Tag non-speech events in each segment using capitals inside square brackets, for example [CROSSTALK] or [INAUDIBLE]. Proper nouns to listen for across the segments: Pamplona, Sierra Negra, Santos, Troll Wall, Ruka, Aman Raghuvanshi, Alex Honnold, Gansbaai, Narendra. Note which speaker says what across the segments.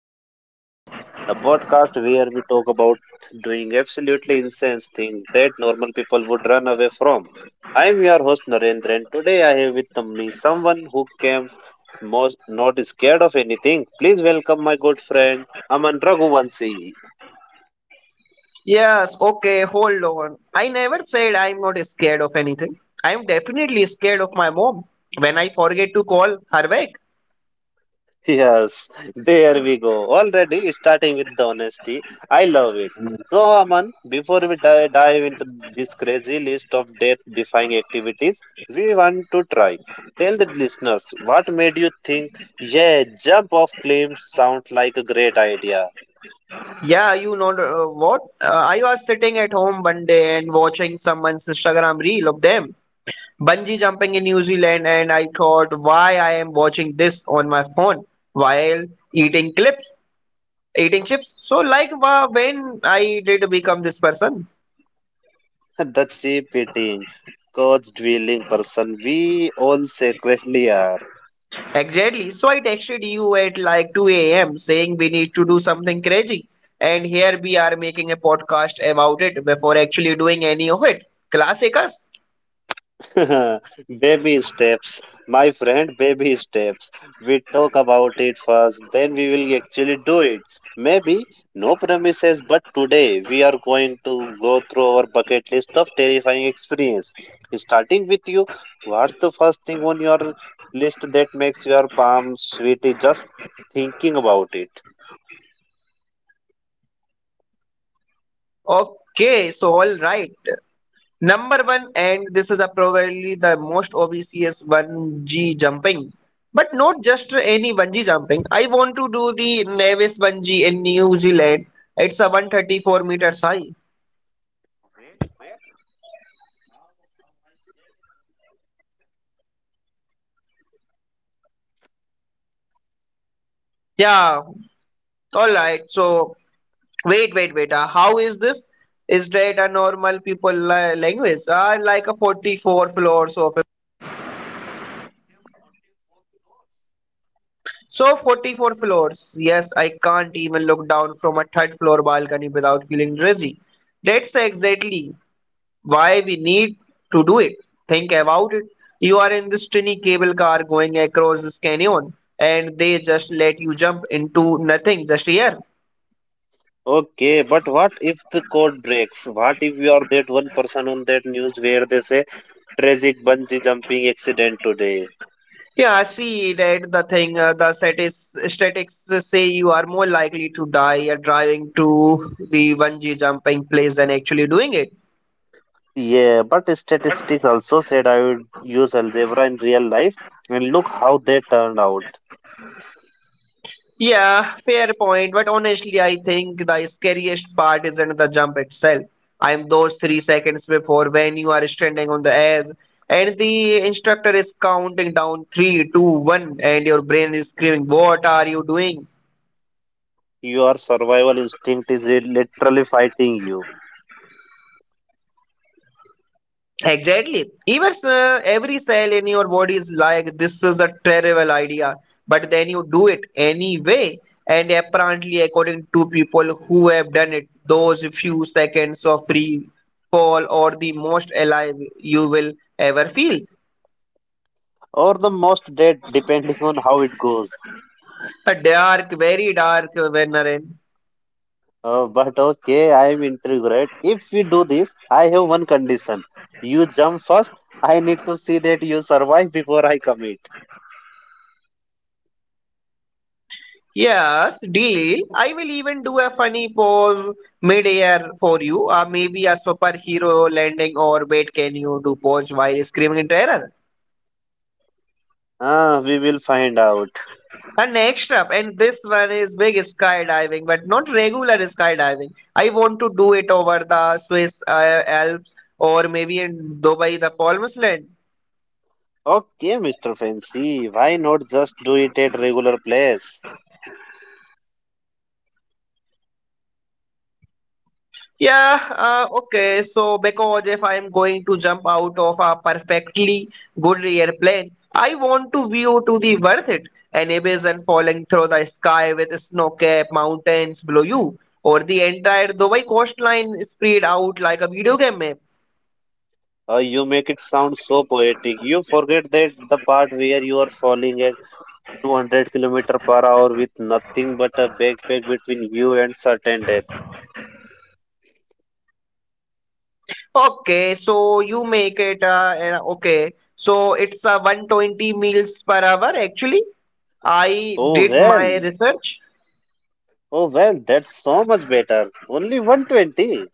Speaker 1: No Limit, the podcast where we talk about doing absolutely insane things that normal people would run away from. I'm your host Narendra, and today I have with me someone who came most not scared of anything. Please welcome my good friend Aman Raghuvanshi.
Speaker 2: Yes, okay, hold on. I never said I'm not scared of anything. I'm definitely scared of my mom when I forget to call her back.
Speaker 1: Yes, there we go. Already starting with the honesty. I love it. So, Aman, before we dive into this crazy list of death defying activities, we want to try. Tell the listeners what made you think, yeah, jump off claims sound like a great idea.
Speaker 2: Yeah, you know what? I was sitting at home one day and watching someone's Instagram reel of them bungee jumping in New Zealand, and I thought, why I am watching this on my phone while eating clips, eating chips. So, like, when I did become this person.
Speaker 1: [LAUGHS] The cheap eating, coach drilling person we all secretly are.
Speaker 2: Exactly. So I texted you at like 2 a.m. saying we need to do something crazy. And here we are making a podcast about it before actually doing any of it. Classic us.
Speaker 1: [LAUGHS] Baby steps, my friend, baby steps. We talk about it first, then we will actually do it. Maybe no promises, but today we are going to go through our bucket list of terrifying experience. Starting with you, what's the first thing on your list that makes your palm sweaty just thinking about it?
Speaker 2: Okay, so all right. Number one, and this is a probably the most obvious bungee jumping. But not just any bungee jumping. I want to do the Nevis bungee in New Zealand. It's a 134 meters high. Yeah, all right. So wait, wait, wait. How is this? Is that a normal people language? Like a 44 floors of a, so 44 floors. Yes, I can't even look down from a third floor balcony without feeling dizzy. That's exactly why we need to do it. Think about it. You are in this tiny cable car going across this canyon, and they just let you jump into nothing just here.
Speaker 1: Okay, but what if the code breaks? What if you are that one person on that news where they say tragic bungee jumping accident today?
Speaker 2: Yeah, I see that the thing, the statistics say you are more likely to die driving to the bungee jumping place than actually doing it.
Speaker 1: Yeah, but statistics also said I would use algebra in real life, and look how they turned out.
Speaker 2: Yeah, fair point. But honestly, I think the scariest part isn't the jump itself. I'm those 3 seconds before when you are standing on the edge and the instructor is counting down three, two, one, and your brain is screaming, "What are you doing?"
Speaker 1: Your survival instinct is literally fighting you,
Speaker 2: Exactly. Even every cell in your body is like, this is a terrible idea. But then you do it anyway. And apparently, according to people who have done it, those few seconds of free fall are the most alive you will ever feel.
Speaker 1: or the most dead, depending on how it goes.
Speaker 2: A dark, very dark, Venerin.
Speaker 1: But okay, I am intrigued, right? If we do this, I have one condition. You jump first. I need to see that you survive before I commit.
Speaker 2: Yes, deal. I will even do a funny pose mid-air for you, or maybe a superhero landing, or wait, can you do pose while screaming in terror?
Speaker 1: Ah, we will find out.
Speaker 2: And next up, and this one is big skydiving, but not regular skydiving. I want to do it over the Swiss Alps, or maybe in Dubai, the Palm Island.
Speaker 1: Okay, Mr. Fancy, why not just do it at regular place?
Speaker 2: Yeah, okay. So, because if I'm going to jump out of a perfectly good airplane, I want to view to the worth it. An and falling through the sky with snow capped mountains below you, or the entire Dubai coastline spread out like a video game map.
Speaker 1: You make it sound so poetic. You forget that the part where you are falling at 200 kilometer per hour with nothing but a backpack between you and certain death.
Speaker 2: Okay, so you make it okay. So it's 120 meals per hour. Actually, I
Speaker 1: Oh
Speaker 2: did my
Speaker 1: well,
Speaker 2: research.
Speaker 1: oh well, that's so much better. Only 120.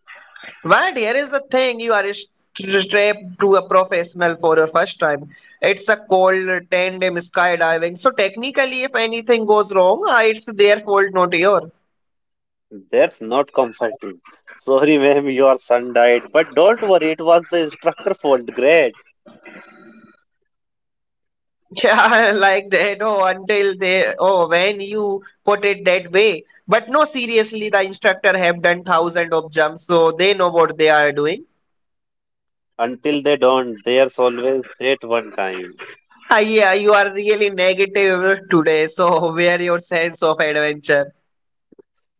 Speaker 2: But here is the thing, you are strapped to a professional for the first time. It's a cold tandem skydiving. So technically, if anything goes wrong, it's their fault, not yours.
Speaker 1: That's not comforting. Sorry, ma'am, your son died, but don't worry, it was the instructor fault. Great.
Speaker 2: Yeah, [LAUGHS] like that. Oh, until they, oh, when you put it that way. But no, seriously, the instructor have done thousand of jumps, so they know what they are doing. [LAUGHS]
Speaker 1: Until they don't, there's always that one time.
Speaker 2: Ah, yeah, you are really negative today, so [LAUGHS] where your sense of adventure?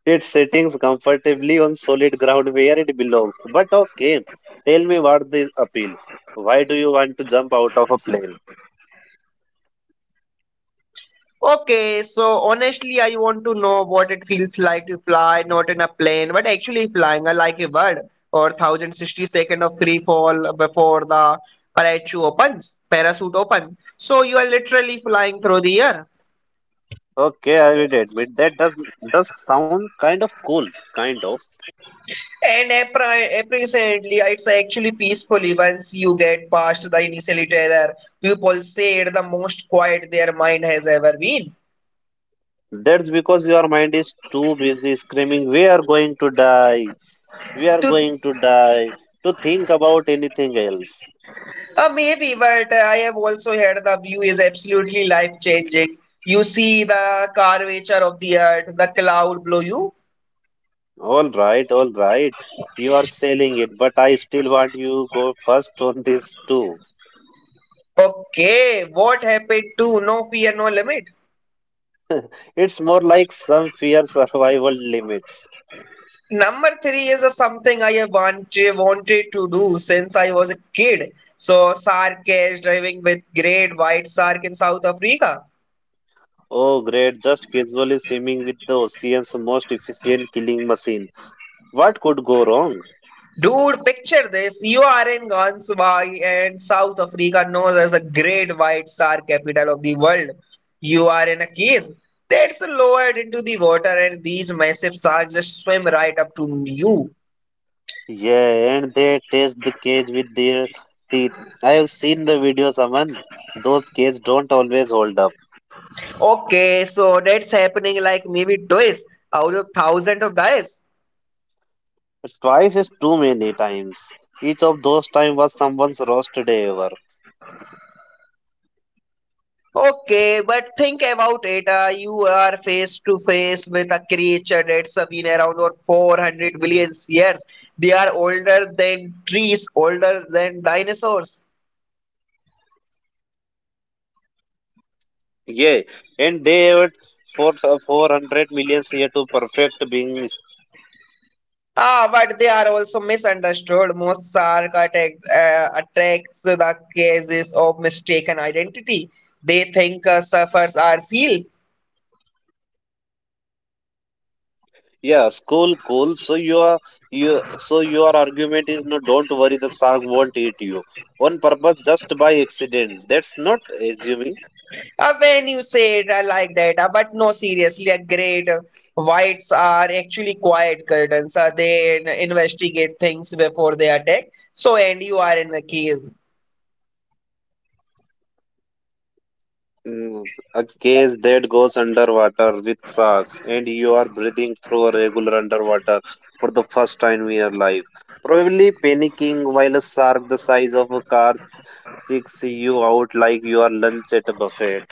Speaker 1: It's sitting comfortably on solid ground where it belongs. But okay, tell me what the appeal. Why do you want to jump out of a plane?
Speaker 2: Okay, so honestly, I want to know what it feels like to fly, not in a plane, but actually flying, I like a bird, or 1060 second of free fall before the parachute open. So you are literally flying through the air.
Speaker 1: Okay, I will admit that does sound kind of cool, kind of.
Speaker 2: And apparently, it's actually peacefully once you get past the initial terror. People say it's the most quiet their mind has ever been.
Speaker 1: That's because your mind is too busy screaming, "We are going to die! We are
Speaker 2: To,
Speaker 1: going to die!" to think about anything else.
Speaker 2: maybe, but I have also heard the view is absolutely life changing. You see the curvature of the earth, the cloud below you.
Speaker 1: All right, all right. You are selling it, but I still want you go first on this too.
Speaker 2: Okay, what happened to no fear, no limit?
Speaker 1: It's more like some fear survival limits.
Speaker 2: Number three is a something I have wanted to do since I was a kid. So shark is driving with great white shark in South Africa.
Speaker 1: Oh, great, just casually swimming with the ocean's most efficient killing machine. What could go wrong?
Speaker 2: Dude, picture this. You are in Ganswai and South Africa known as a great white shark capital of the world. You are in a cage that's lowered into the water and these massive sharks just swim right up to you.
Speaker 1: Yeah, and they test the cage with their teeth. I have seen the videos, Aman. Those cages don't always hold up.
Speaker 2: Okay, so that's happening like maybe twice out of thousands of dives.
Speaker 1: Twice is too many times. Each of those times was someone's roast day.
Speaker 2: Okay, but think about it. You are face to face with a creature that's been around for 400 billion years. They are older than trees, older than dinosaurs.
Speaker 1: Yeah, and they would for 400 million year to perfect being.
Speaker 2: Ah, but they are also misunderstood. Most shark attacks the cases of mistaken identity. They think suffers are seal.
Speaker 1: Yeah, cool, cool. So you are you. So your argument is no. Don't worry, the shark won't eat you on purpose, just by accident. That's not assuming
Speaker 2: When you say it like that, but no, seriously, a great whites are actually quiet curtains. They investigate things before they attack. So, and you are in the case.
Speaker 1: mm, a case that goes underwater with sharks, and you are breathing through a regular underwater for the first time in your life. Probably panicking while a shark the size of a car chicks you out like you are lunch at a buffet.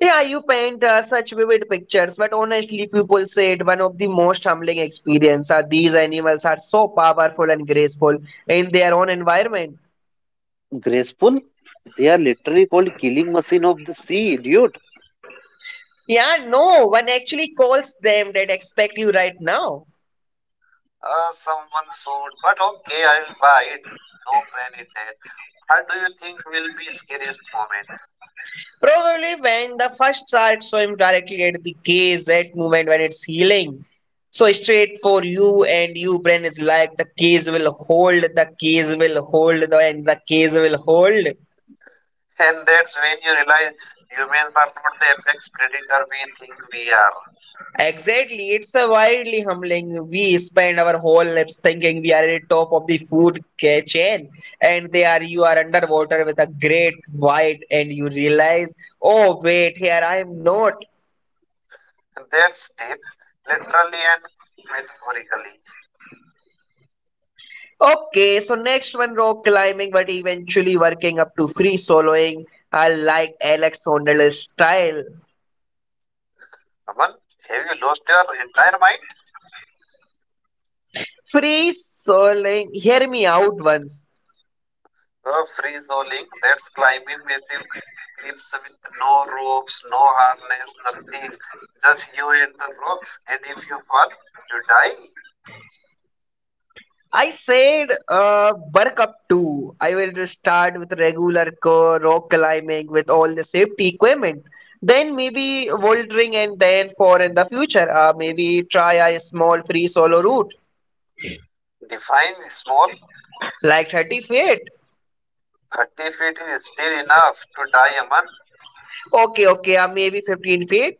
Speaker 2: Yeah, you paint such vivid pictures, but honestly, people say it one of the most humbling experience. These animals are so powerful and graceful in their own environment.
Speaker 1: Graceful? They are literally called killing machine of the sea, dude.
Speaker 2: Yeah, no one actually calls them that expect you right now.
Speaker 1: Someone sold, but okay, I'll buy it. No pain in that. What do you think will be scariest moment?
Speaker 2: Probably when the first chart saw him directly at the KZ movement when it's healing. So straight for you and you brain is like the case will hold, the case will hold, the and the case will hold.
Speaker 1: And that's when you realize humans are not the apex predator we think we are.
Speaker 2: Exactly, it's a wildly humbling. We spend our whole lives thinking we are at the top of the food chain, and they are you are underwater with a great white, and you realize, oh wait, here I am not.
Speaker 1: That's deep, literally and metaphorically.
Speaker 2: Okay, so next one rock climbing, but eventually working up to free soloing. I like Alex Honnold's style.
Speaker 1: Aman, have you lost your entire mind?
Speaker 2: Free soloing, hear me out once.
Speaker 1: Free rolling, that's climbing massive cliffs with no ropes, no harness, nothing. Just you and the rocks, and if you fall, you die.
Speaker 2: I said work up to. I will just start with regular core rock climbing with all the safety equipment. Then maybe voltering and then for in the future, maybe try a small free solo route
Speaker 1: Define small,
Speaker 2: like 30 feet.
Speaker 1: 30 feet is still enough to die a man.
Speaker 2: Okay, okay, maybe 15 feet.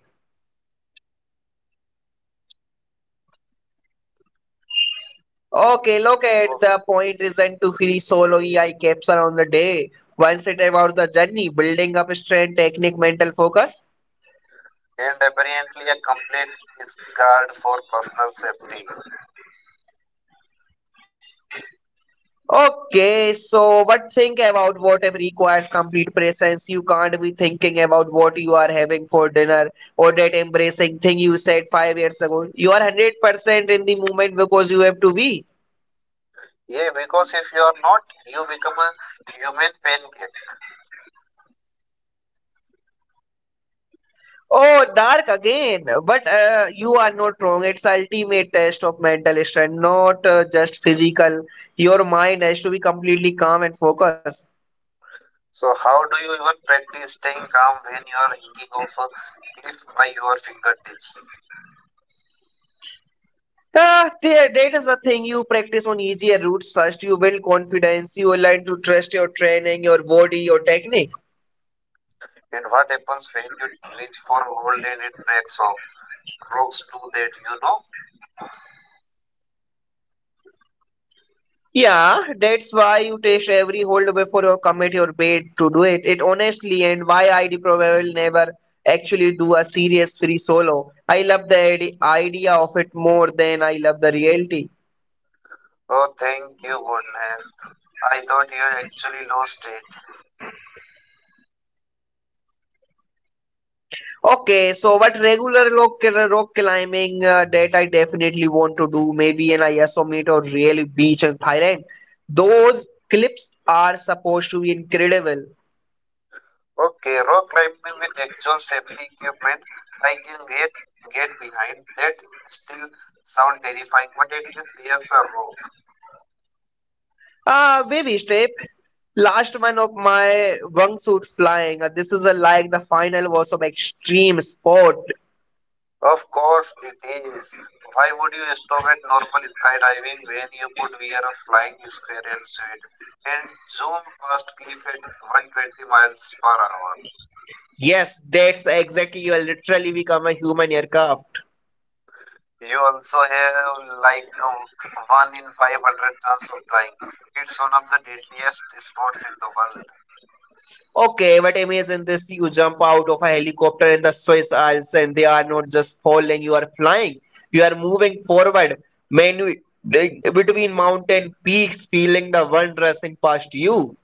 Speaker 2: Okay, look at the point isn't to free solo EI capture on the day. Once it about the journey, building up strength, technique, mental focus.
Speaker 1: And apparently a complete discard for personal safety.
Speaker 2: Okay, so what think about whatever requires complete presence? You can't be thinking about what you are having for dinner or that embracing thing you said 5 years ago. You are 100% in the moment because you have to be.
Speaker 1: Yeah, because if you are not, you become a human pancake.
Speaker 2: Oh, dark again. But you are not wrong. It's ultimate test of mental strength, not just physical. Your mind has to be completely calm and focused.
Speaker 1: So how do you even practice staying calm when you are hanging off a cliff by your fingertips?
Speaker 2: Ah, there, that is the thing. You practice on easier routes first. You build confidence. You learn to trust your training, your body, your technique.
Speaker 1: And what happens when you reach for hold and it breaks off? Rocks do that, you know.
Speaker 2: Yeah, that's why you test every hold before you commit your bait to do it. It honestly and why ID probably will never actually do a serious free solo. I love the idea of it more than I love the reality.
Speaker 1: Oh, thank you, goodness. I thought you actually lost it.
Speaker 2: Okay, so what regular rock climbing that I definitely want to do, maybe an Ayasomet or really beach in Thailand. Those clips are supposed to be incredible.
Speaker 1: Okay, rock climbing with actual safety equipment, I can get behind. That still sound terrifying, but at least there's a rope.
Speaker 2: Baby strip. Last one of my wingsuit flying. This is a, like the final was of extreme sport.
Speaker 1: Of course it is. Why would you stop at normal skydiving when you could wear a flying squirrel suit and zoom past cliff at 120 miles per hour?
Speaker 2: Yes, that's exactly. You literally become a human aircraft.
Speaker 1: You also have like um, one in 500 chance of dying. It's one of the deadliest sports in the world.
Speaker 2: Okay, but imagine this: you jump out of a helicopter in the Swiss Alps, and they are not just falling. You are flying. You are moving forward, menu like, between mountain peaks, feeling the wind rushing past you.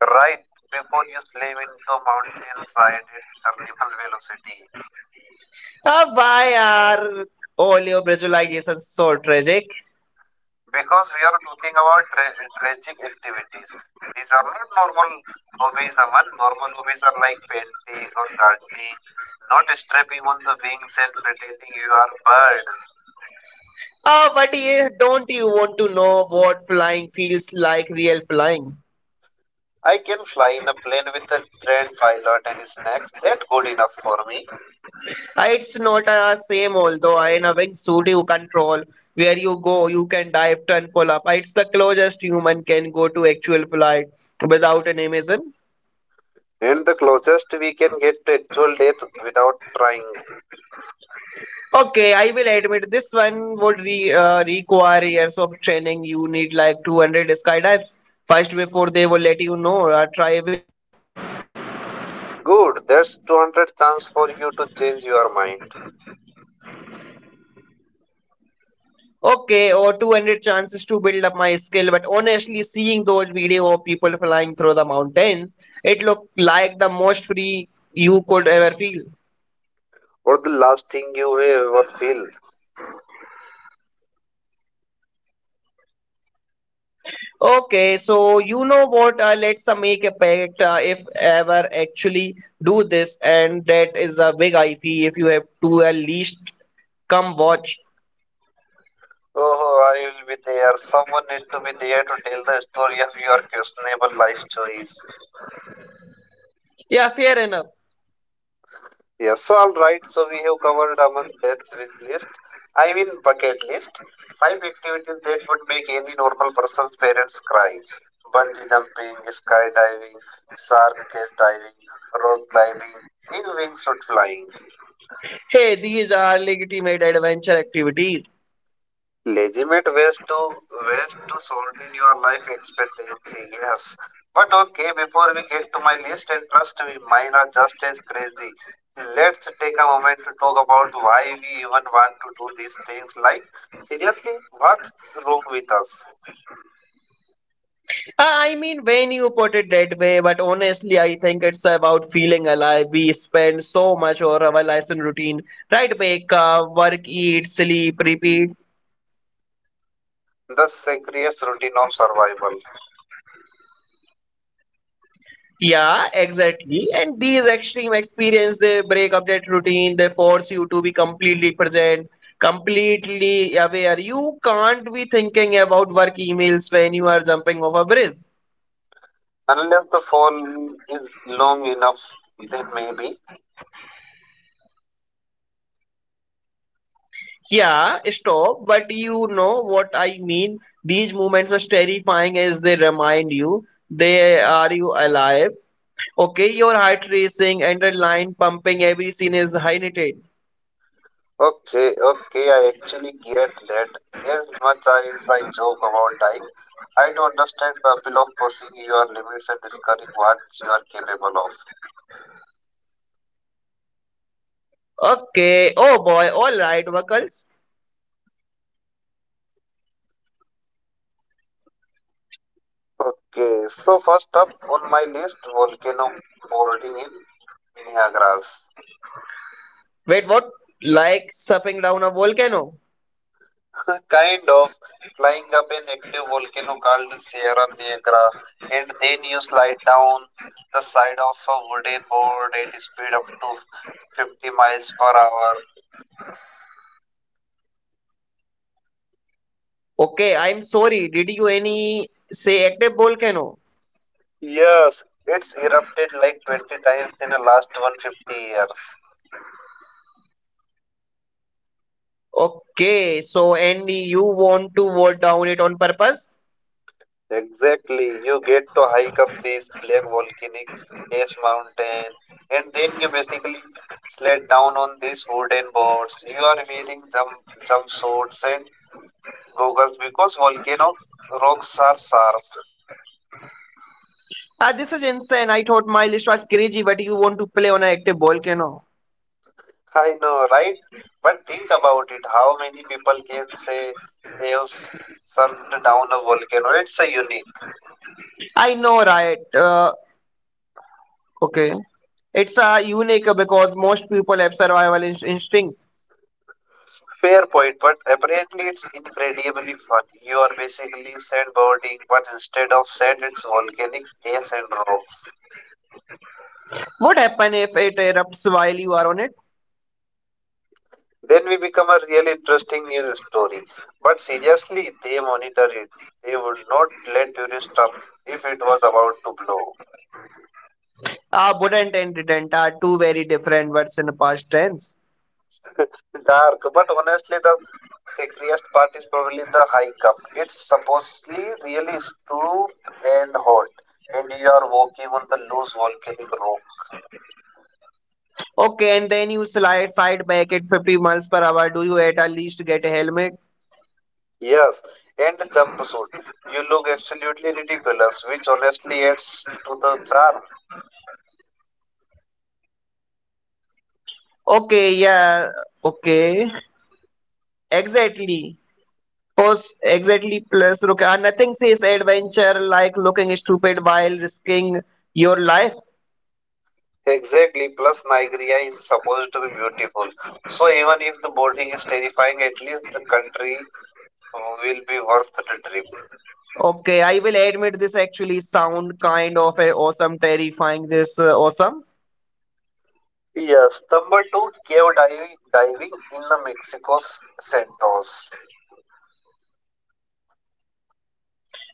Speaker 1: Right before you slam into mountainside at terminal velocity.
Speaker 2: Ah, why are all your visualizations so tragic?
Speaker 1: Because we are talking about tragic activities. These are not normal hobbies, Aman. Normal hobbies are like painting or gardening, not strapping on the wings and pretending you are a bird.
Speaker 2: Ah, but yeah, don't you want to know what flying feels like, real flying?
Speaker 1: I can fly in a plane with a trained pilot and snacks. That's good enough for me.
Speaker 2: Ah, it's not same although in a wingsuit you control where you go, you can dive, turn, pull up. Ah, it's the closest human can go to actual flight without an Amazon.
Speaker 1: And the closest we can get to actual death without trying.
Speaker 2: Okay, I will admit this one would require years of training. You need like 200 skydives first before they will let you know. Try.
Speaker 1: Good, that's 200 chance for you to change your mind.
Speaker 2: Okay, or 200 chances to build up my skill, but honestly, seeing those video of people flying through the mountains, it looked like the most free you could ever feel.
Speaker 1: Or the last thing you will ever feel.
Speaker 2: Okay, so you know what? Let's make a pact, if ever actually do this, and that is a big fee if you have to at least come watch.
Speaker 1: Oh, I will be there. Someone need to be there to tell the story of your questionable life choice.
Speaker 2: Yeah, fair enough.
Speaker 1: Yes, so all right. So we have covered among Ben's wish list. I mean bucket list. Five activities that would make any normal person's parents cry: bungee jumping, skydiving, shark cage diving, rock climbing, and wingsuit flying.
Speaker 2: Hey, these are legitimate adventure activities.
Speaker 1: Legitimate ways to solving your life expectancy, yes, but okay, before we get to my list, and trust me, mine are just as crazy, let's take a moment to talk about why we even want to do these things. Like, seriously, what's wrong with us?
Speaker 2: I mean, when you put it that way, but honestly, I think it's about feeling alive. We spend so much of our lives in routine, right? Wake up, work, eat, sleep, repeat.
Speaker 1: The serious routine of survival
Speaker 2: Yeah, exactly. And these extreme experience, they break up that routine. They force you to be completely present, completely aware. You can't be thinking about work emails when you are jumping off a bridge.
Speaker 1: unless the fall is long enough, then maybe.
Speaker 2: Yeah, stop. But you know what I mean. These moments are terrifying as they remind you. They are you alive? Okay, your heart racing, adrenaline pumping. Every scene is heightened.
Speaker 1: Okay, okay, I actually get that. As much as I joke about time, I do understand the appeal of pushing your limits and discovering what you are capable of.
Speaker 2: Okay. Oh boy. All right, Buckles.
Speaker 1: Okay, so first up on my list, volcano boarding in Niagara's.
Speaker 2: Wait, what? Like surfing down a volcano?
Speaker 1: [LAUGHS] Kind of flying up an active volcano called Sierra Negra, and then you slide down the side of a wooden board at a speed up to 50 miles per hour.
Speaker 2: Okay, I'm sorry. Did you any say active volcano?
Speaker 1: Yes, it's erupted like 20 times in the last 150 years.
Speaker 2: Okay. So, Andy, you want to vote down it on purpose?
Speaker 1: Exactly. You get to hike up these black volcanic ash mountain and then you basically sled down on these wooden boards. You are wearing jumpsuits and goggles because volcano rocks are sharp.
Speaker 2: Ah, this is insane. I thought Miles was crazy, but you want to play on an active volcano.
Speaker 1: I know, right? But think about it. How many people can say they have surfed down a volcano? It's a unique.
Speaker 2: I know, right? Okay. It's unique because most people have survival instinct.
Speaker 1: Fair point, but apparently it's incredibly fun. You are basically sandboarding, but instead of sand, it's volcanic ice and rocks.
Speaker 2: What happens if it erupts while you are on it?
Speaker 1: Then we become a really interesting news story. But seriously, they monitor it. They would not let tourists up if it was about to blow.
Speaker 2: Wouldn't and didn't are two very different words in the past tense.
Speaker 1: Dark, but honestly, the scariest part is probably the hike up. It's supposedly really steep and hot, and you are walking on the loose volcanic rock.
Speaker 2: Okay, and then you slide side back at 50 miles per hour. Do you at least get a helmet?
Speaker 1: Yes, and the jumpsuit. You look absolutely ridiculous, which honestly adds to the charm.
Speaker 2: Okay, yeah, okay. Exactly. Course, exactly. Plus, Ruka, nothing says adventure like looking stupid while risking your life.
Speaker 1: Exactly, plus Nigeria is supposed to be beautiful. So even if the boarding is terrifying, at least the country will be worth the trip.
Speaker 2: Okay, I will admit this actually sound kind of a awesome, terrifying. This awesome.
Speaker 1: Yes, number two, cave diving in the Mexico's Santos.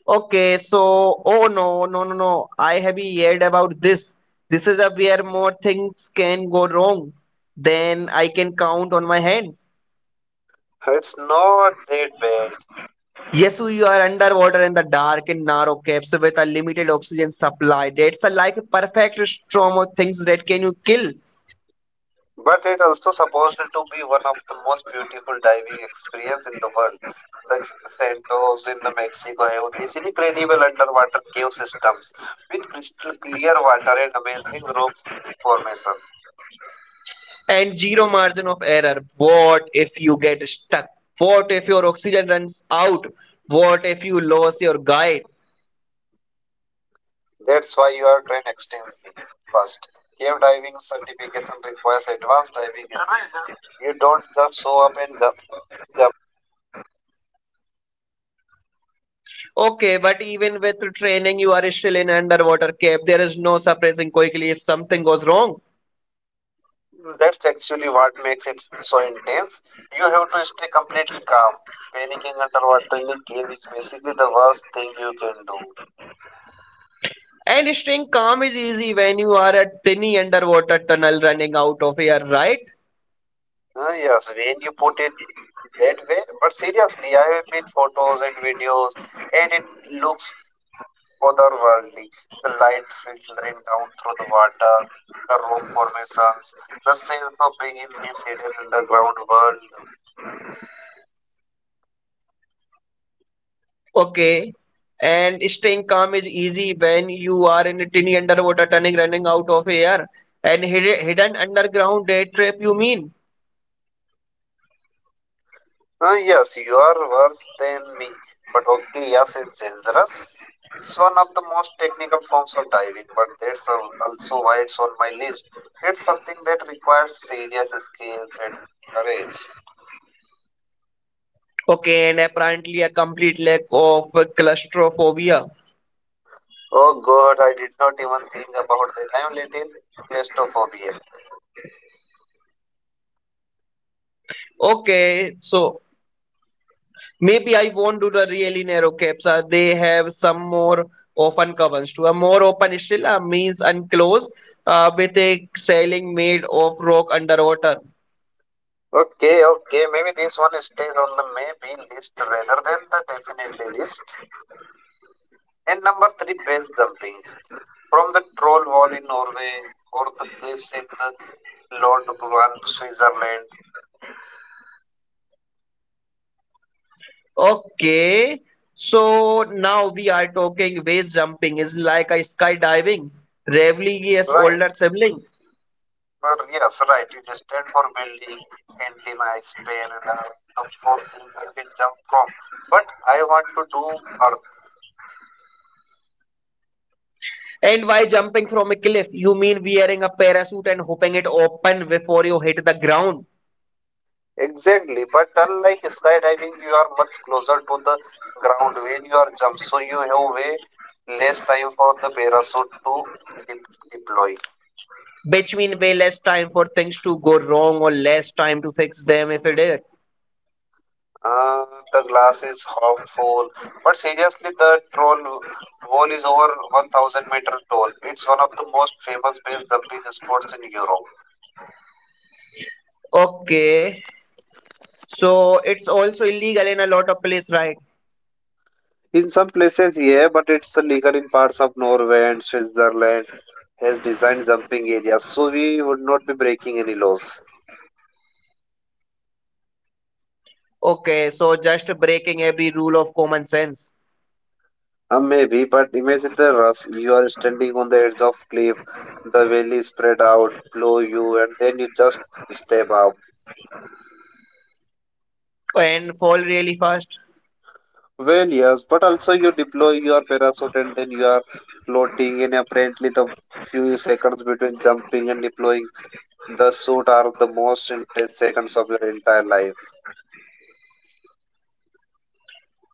Speaker 2: Okay, so oh no, no, no, no. I have heard about this. This is a where more things can go wrong than I can count on my hand.
Speaker 1: It's not that bad.
Speaker 2: Yes, you are underwater in the dark and narrow caves with a limited oxygen supply. That's a like a perfect storm of things that can you kill
Speaker 1: But it also supposed to be one of the most beautiful diving experience in the world. The Santos in the Mexico have these incredible underwater cave systems with crystal clear water and amazing rock formation.
Speaker 2: and zero margin of error. What if you get stuck? What if your oxygen runs out? What if you lose your guide?
Speaker 1: That's why you are trained extensively. First, cave diving certification requires advanced diving skills. You don't just show up and jump.
Speaker 2: Okay, but even with training, you are still in underwater cave. There is no suppressing quickly if something goes wrong.
Speaker 1: That's actually what makes it so intense. You have to stay completely calm. Panicking under water in a cave is basically the worst thing you can do.
Speaker 2: And staying calm is easy when you are a tiny underwater tunnel running out of air, right?
Speaker 1: Yes, when you put it that way, but seriously, I have made photos and videos, and it looks otherworldly. The light filtering down through the water, the rock formations, the sense of being in this hidden underground world.
Speaker 2: Okay. And staying calm is easy when you are in a tiny underwater tunnel running out of air and hidden underground day trap, you mean?
Speaker 1: Yes, you are worse than me. But okay, yes, it's dangerous. It's one of the most technical forms of diving, but that's also why it's on my list. It's something that requires serious skills and courage.
Speaker 2: Okay, and apparently a complete lack of claustrophobia.
Speaker 1: Oh God, I did not even think about that. I'm little claustrophobic.
Speaker 2: Okay, so maybe I won't do the really narrow caps. They have some more open covers too. A more open still means unclosed with a ceiling made of rock underwater.
Speaker 1: Okay, okay, maybe this one stays on the maybe list rather than the definitely list. And number three, base jumping from the troll wall in Norway or the cliffs in the London, Switzerland.
Speaker 2: Okay, so now we are talking whale jumping is like a skydiving, Ravli's
Speaker 1: Right.
Speaker 2: older sibling.
Speaker 1: Well, yes, right. You just stand for building and deny Spain and all the four things you can jump from. But I want to do Earth.
Speaker 2: And why jumping from a cliff? You mean wearing a parachute and hoping it open before you hit the ground,
Speaker 1: Exactly. But unlike skydiving, you are much closer to the ground when you are jump. So you have way less time for the parachute to de- deploy.
Speaker 2: which mean way less time for things to go wrong or less time to fix them if it did.
Speaker 1: Uh, the glass is half full. But seriously, the troll wall is over 1,000 meter tall. It's one of the most famous base jumping sports in Europe.
Speaker 2: Okay, so it's also illegal in a lot of places, right?
Speaker 1: In some places, yeah, but it's illegal in parts of Norway and Switzerland has designed jumping areas, so we would not be breaking any laws.
Speaker 2: Okay, so just breaking every rule of common sense
Speaker 1: Maybe, but imagine the rush. You are standing on the edge of cliff, the valley spread out below you, and then you just step up.
Speaker 2: and fall really fast.
Speaker 1: Well, yes, but also you deploy your parachute and then you are floating in apparently the few seconds between jumping and deploying the suit are the most intense seconds of your entire life.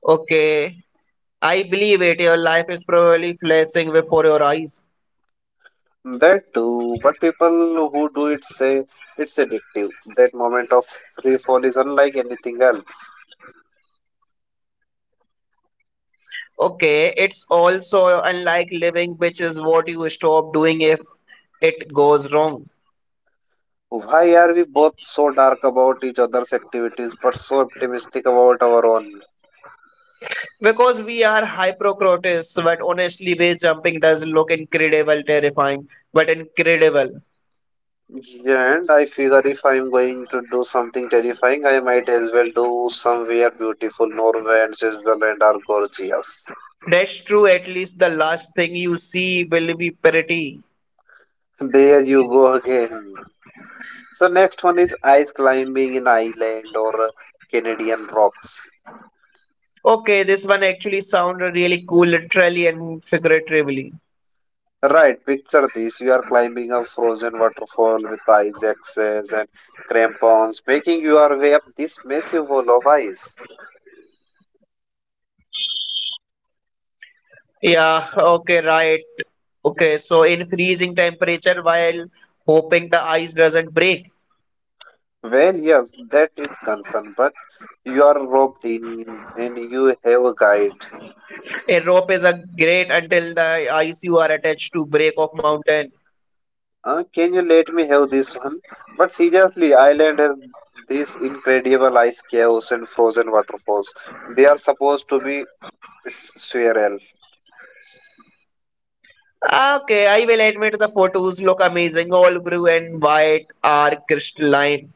Speaker 2: Okay. I believe it. Your life is probably flashing before your eyes.
Speaker 1: That too, but people who do it say it's addictive. That moment of free fall is unlike anything else.
Speaker 2: Okay, it's also unlike living, which is what you stop doing if it goes wrong.
Speaker 1: Why are we both so dark about each other's activities but so optimistic about our own?
Speaker 2: Because we are hypocrites, but honestly, base jumping does look incredible, terrifying, but incredible.
Speaker 1: Yeah, and I figure if I'm going to do something terrifying, I might as well do somewhere beautiful. Norway and Switzerland are gorgeous.
Speaker 2: That's true, at least the last thing you see will be pretty.
Speaker 1: [LAUGHS] There you go again. So next one is ice climbing in Iceland or Canadian rocks.
Speaker 2: Okay, this one actually sounded really cool, literally and figuratively.
Speaker 1: Right, picture this. You are climbing a frozen waterfall with ice axes and crampons, making your way up this massive wall of ice.
Speaker 2: Yeah, okay, right. Okay, so in freezing temperature while hoping the ice doesn't break.
Speaker 1: Well, yes, that is concern, but you are roped in and you have a guide.
Speaker 2: A rope is a great until the ice you are attached to break off mountain.
Speaker 1: Can you let me have this one? But seriously, Ireland has these incredible ice caves and frozen waterfalls. They are supposed to be surreal.
Speaker 2: Okay, I will admit the photos look amazing. All blue and white are crystalline.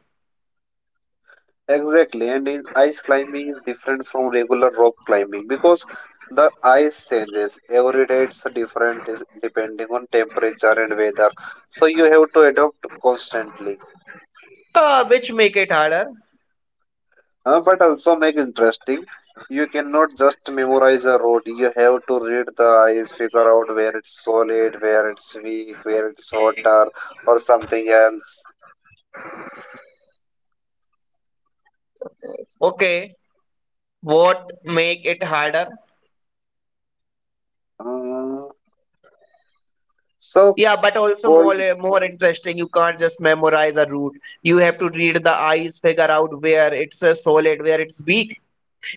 Speaker 1: Exactly, and in ice climbing is different from regular rope climbing because the ice changes every day. It's different depending on temperature and weather, so you have to adapt constantly.
Speaker 2: Which make it harder.
Speaker 1: But also make interesting. You cannot just memorize a road. You have to read the eyes, figure out where it's solid, where it's weak, where it's water, or something else.
Speaker 2: Okay, what make it harder?
Speaker 1: Mm, so
Speaker 2: Yeah, but also
Speaker 1: cold,
Speaker 2: more interesting. You can't just memorize a route. You have to read the eyes, figure out where it's a solid, where it's weak.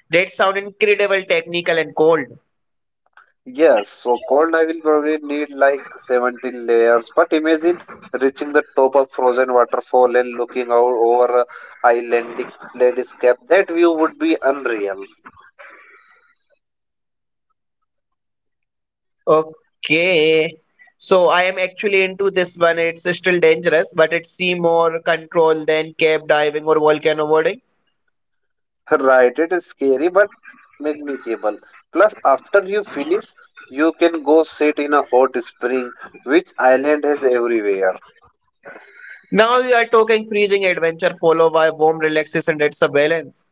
Speaker 2: That sound incredible, technical and cold.
Speaker 1: yes. So cold, I will probably need like 17 layers. But imagine reaching the top of frozen waterfall and looking out over a islandic landscape. That view would be unreal.
Speaker 2: Okay. So I am actually into this one. It's still dangerous, but it seems more control than cave diving or volcano boarding.
Speaker 1: Right, it is scary but manageable. Plus, after you finish, you can go sit in a hot spring, which island has everywhere.
Speaker 2: Now you are talking freezing adventure followed by warm relaxation. That's a balance.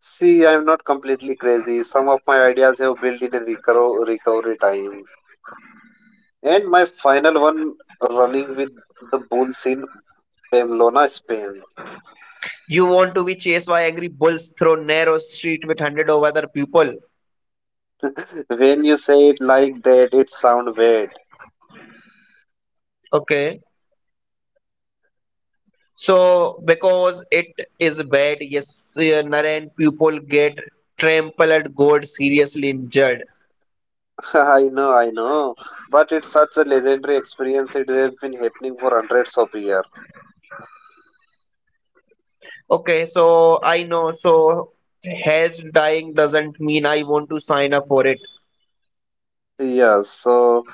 Speaker 1: See, I am not completely crazy. Some of my ideas have built in a recovery time. And my final one running with the bulls in Pamplona, Spain.
Speaker 2: You want to be chased by angry bulls through narrow street with hundred of other people.
Speaker 1: [LAUGHS] When you say it like that, it sounds bad.
Speaker 2: Okay. So because it is bad, yes, Naren people get trampled, got seriously injured.
Speaker 1: [LAUGHS] I know, I know. But it's such a legendary experience. It has been happening for hundreds of years.
Speaker 2: Okay, so I know. So has dying doesn't mean I want to sign up for it.
Speaker 1: Yeah, so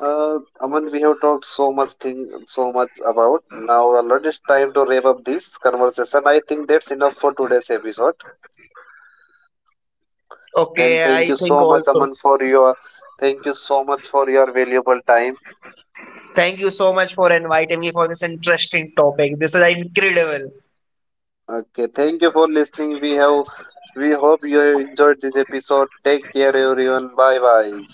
Speaker 1: Aman, we have talked so much thing, so much about. Now, Alon, it's time to wrap up this conversation. I think that's enough for today's episode. And
Speaker 2: Okay,
Speaker 1: thank
Speaker 2: I
Speaker 1: you
Speaker 2: think
Speaker 1: so much,
Speaker 2: also.
Speaker 1: Aman, for your thank you so much for your valuable time.
Speaker 2: Thank you so much for inviting me for this interesting topic. This is incredible.
Speaker 1: Okay, thank you for listening. We hope you enjoyed this episode. Take care, everyone. Bye bye.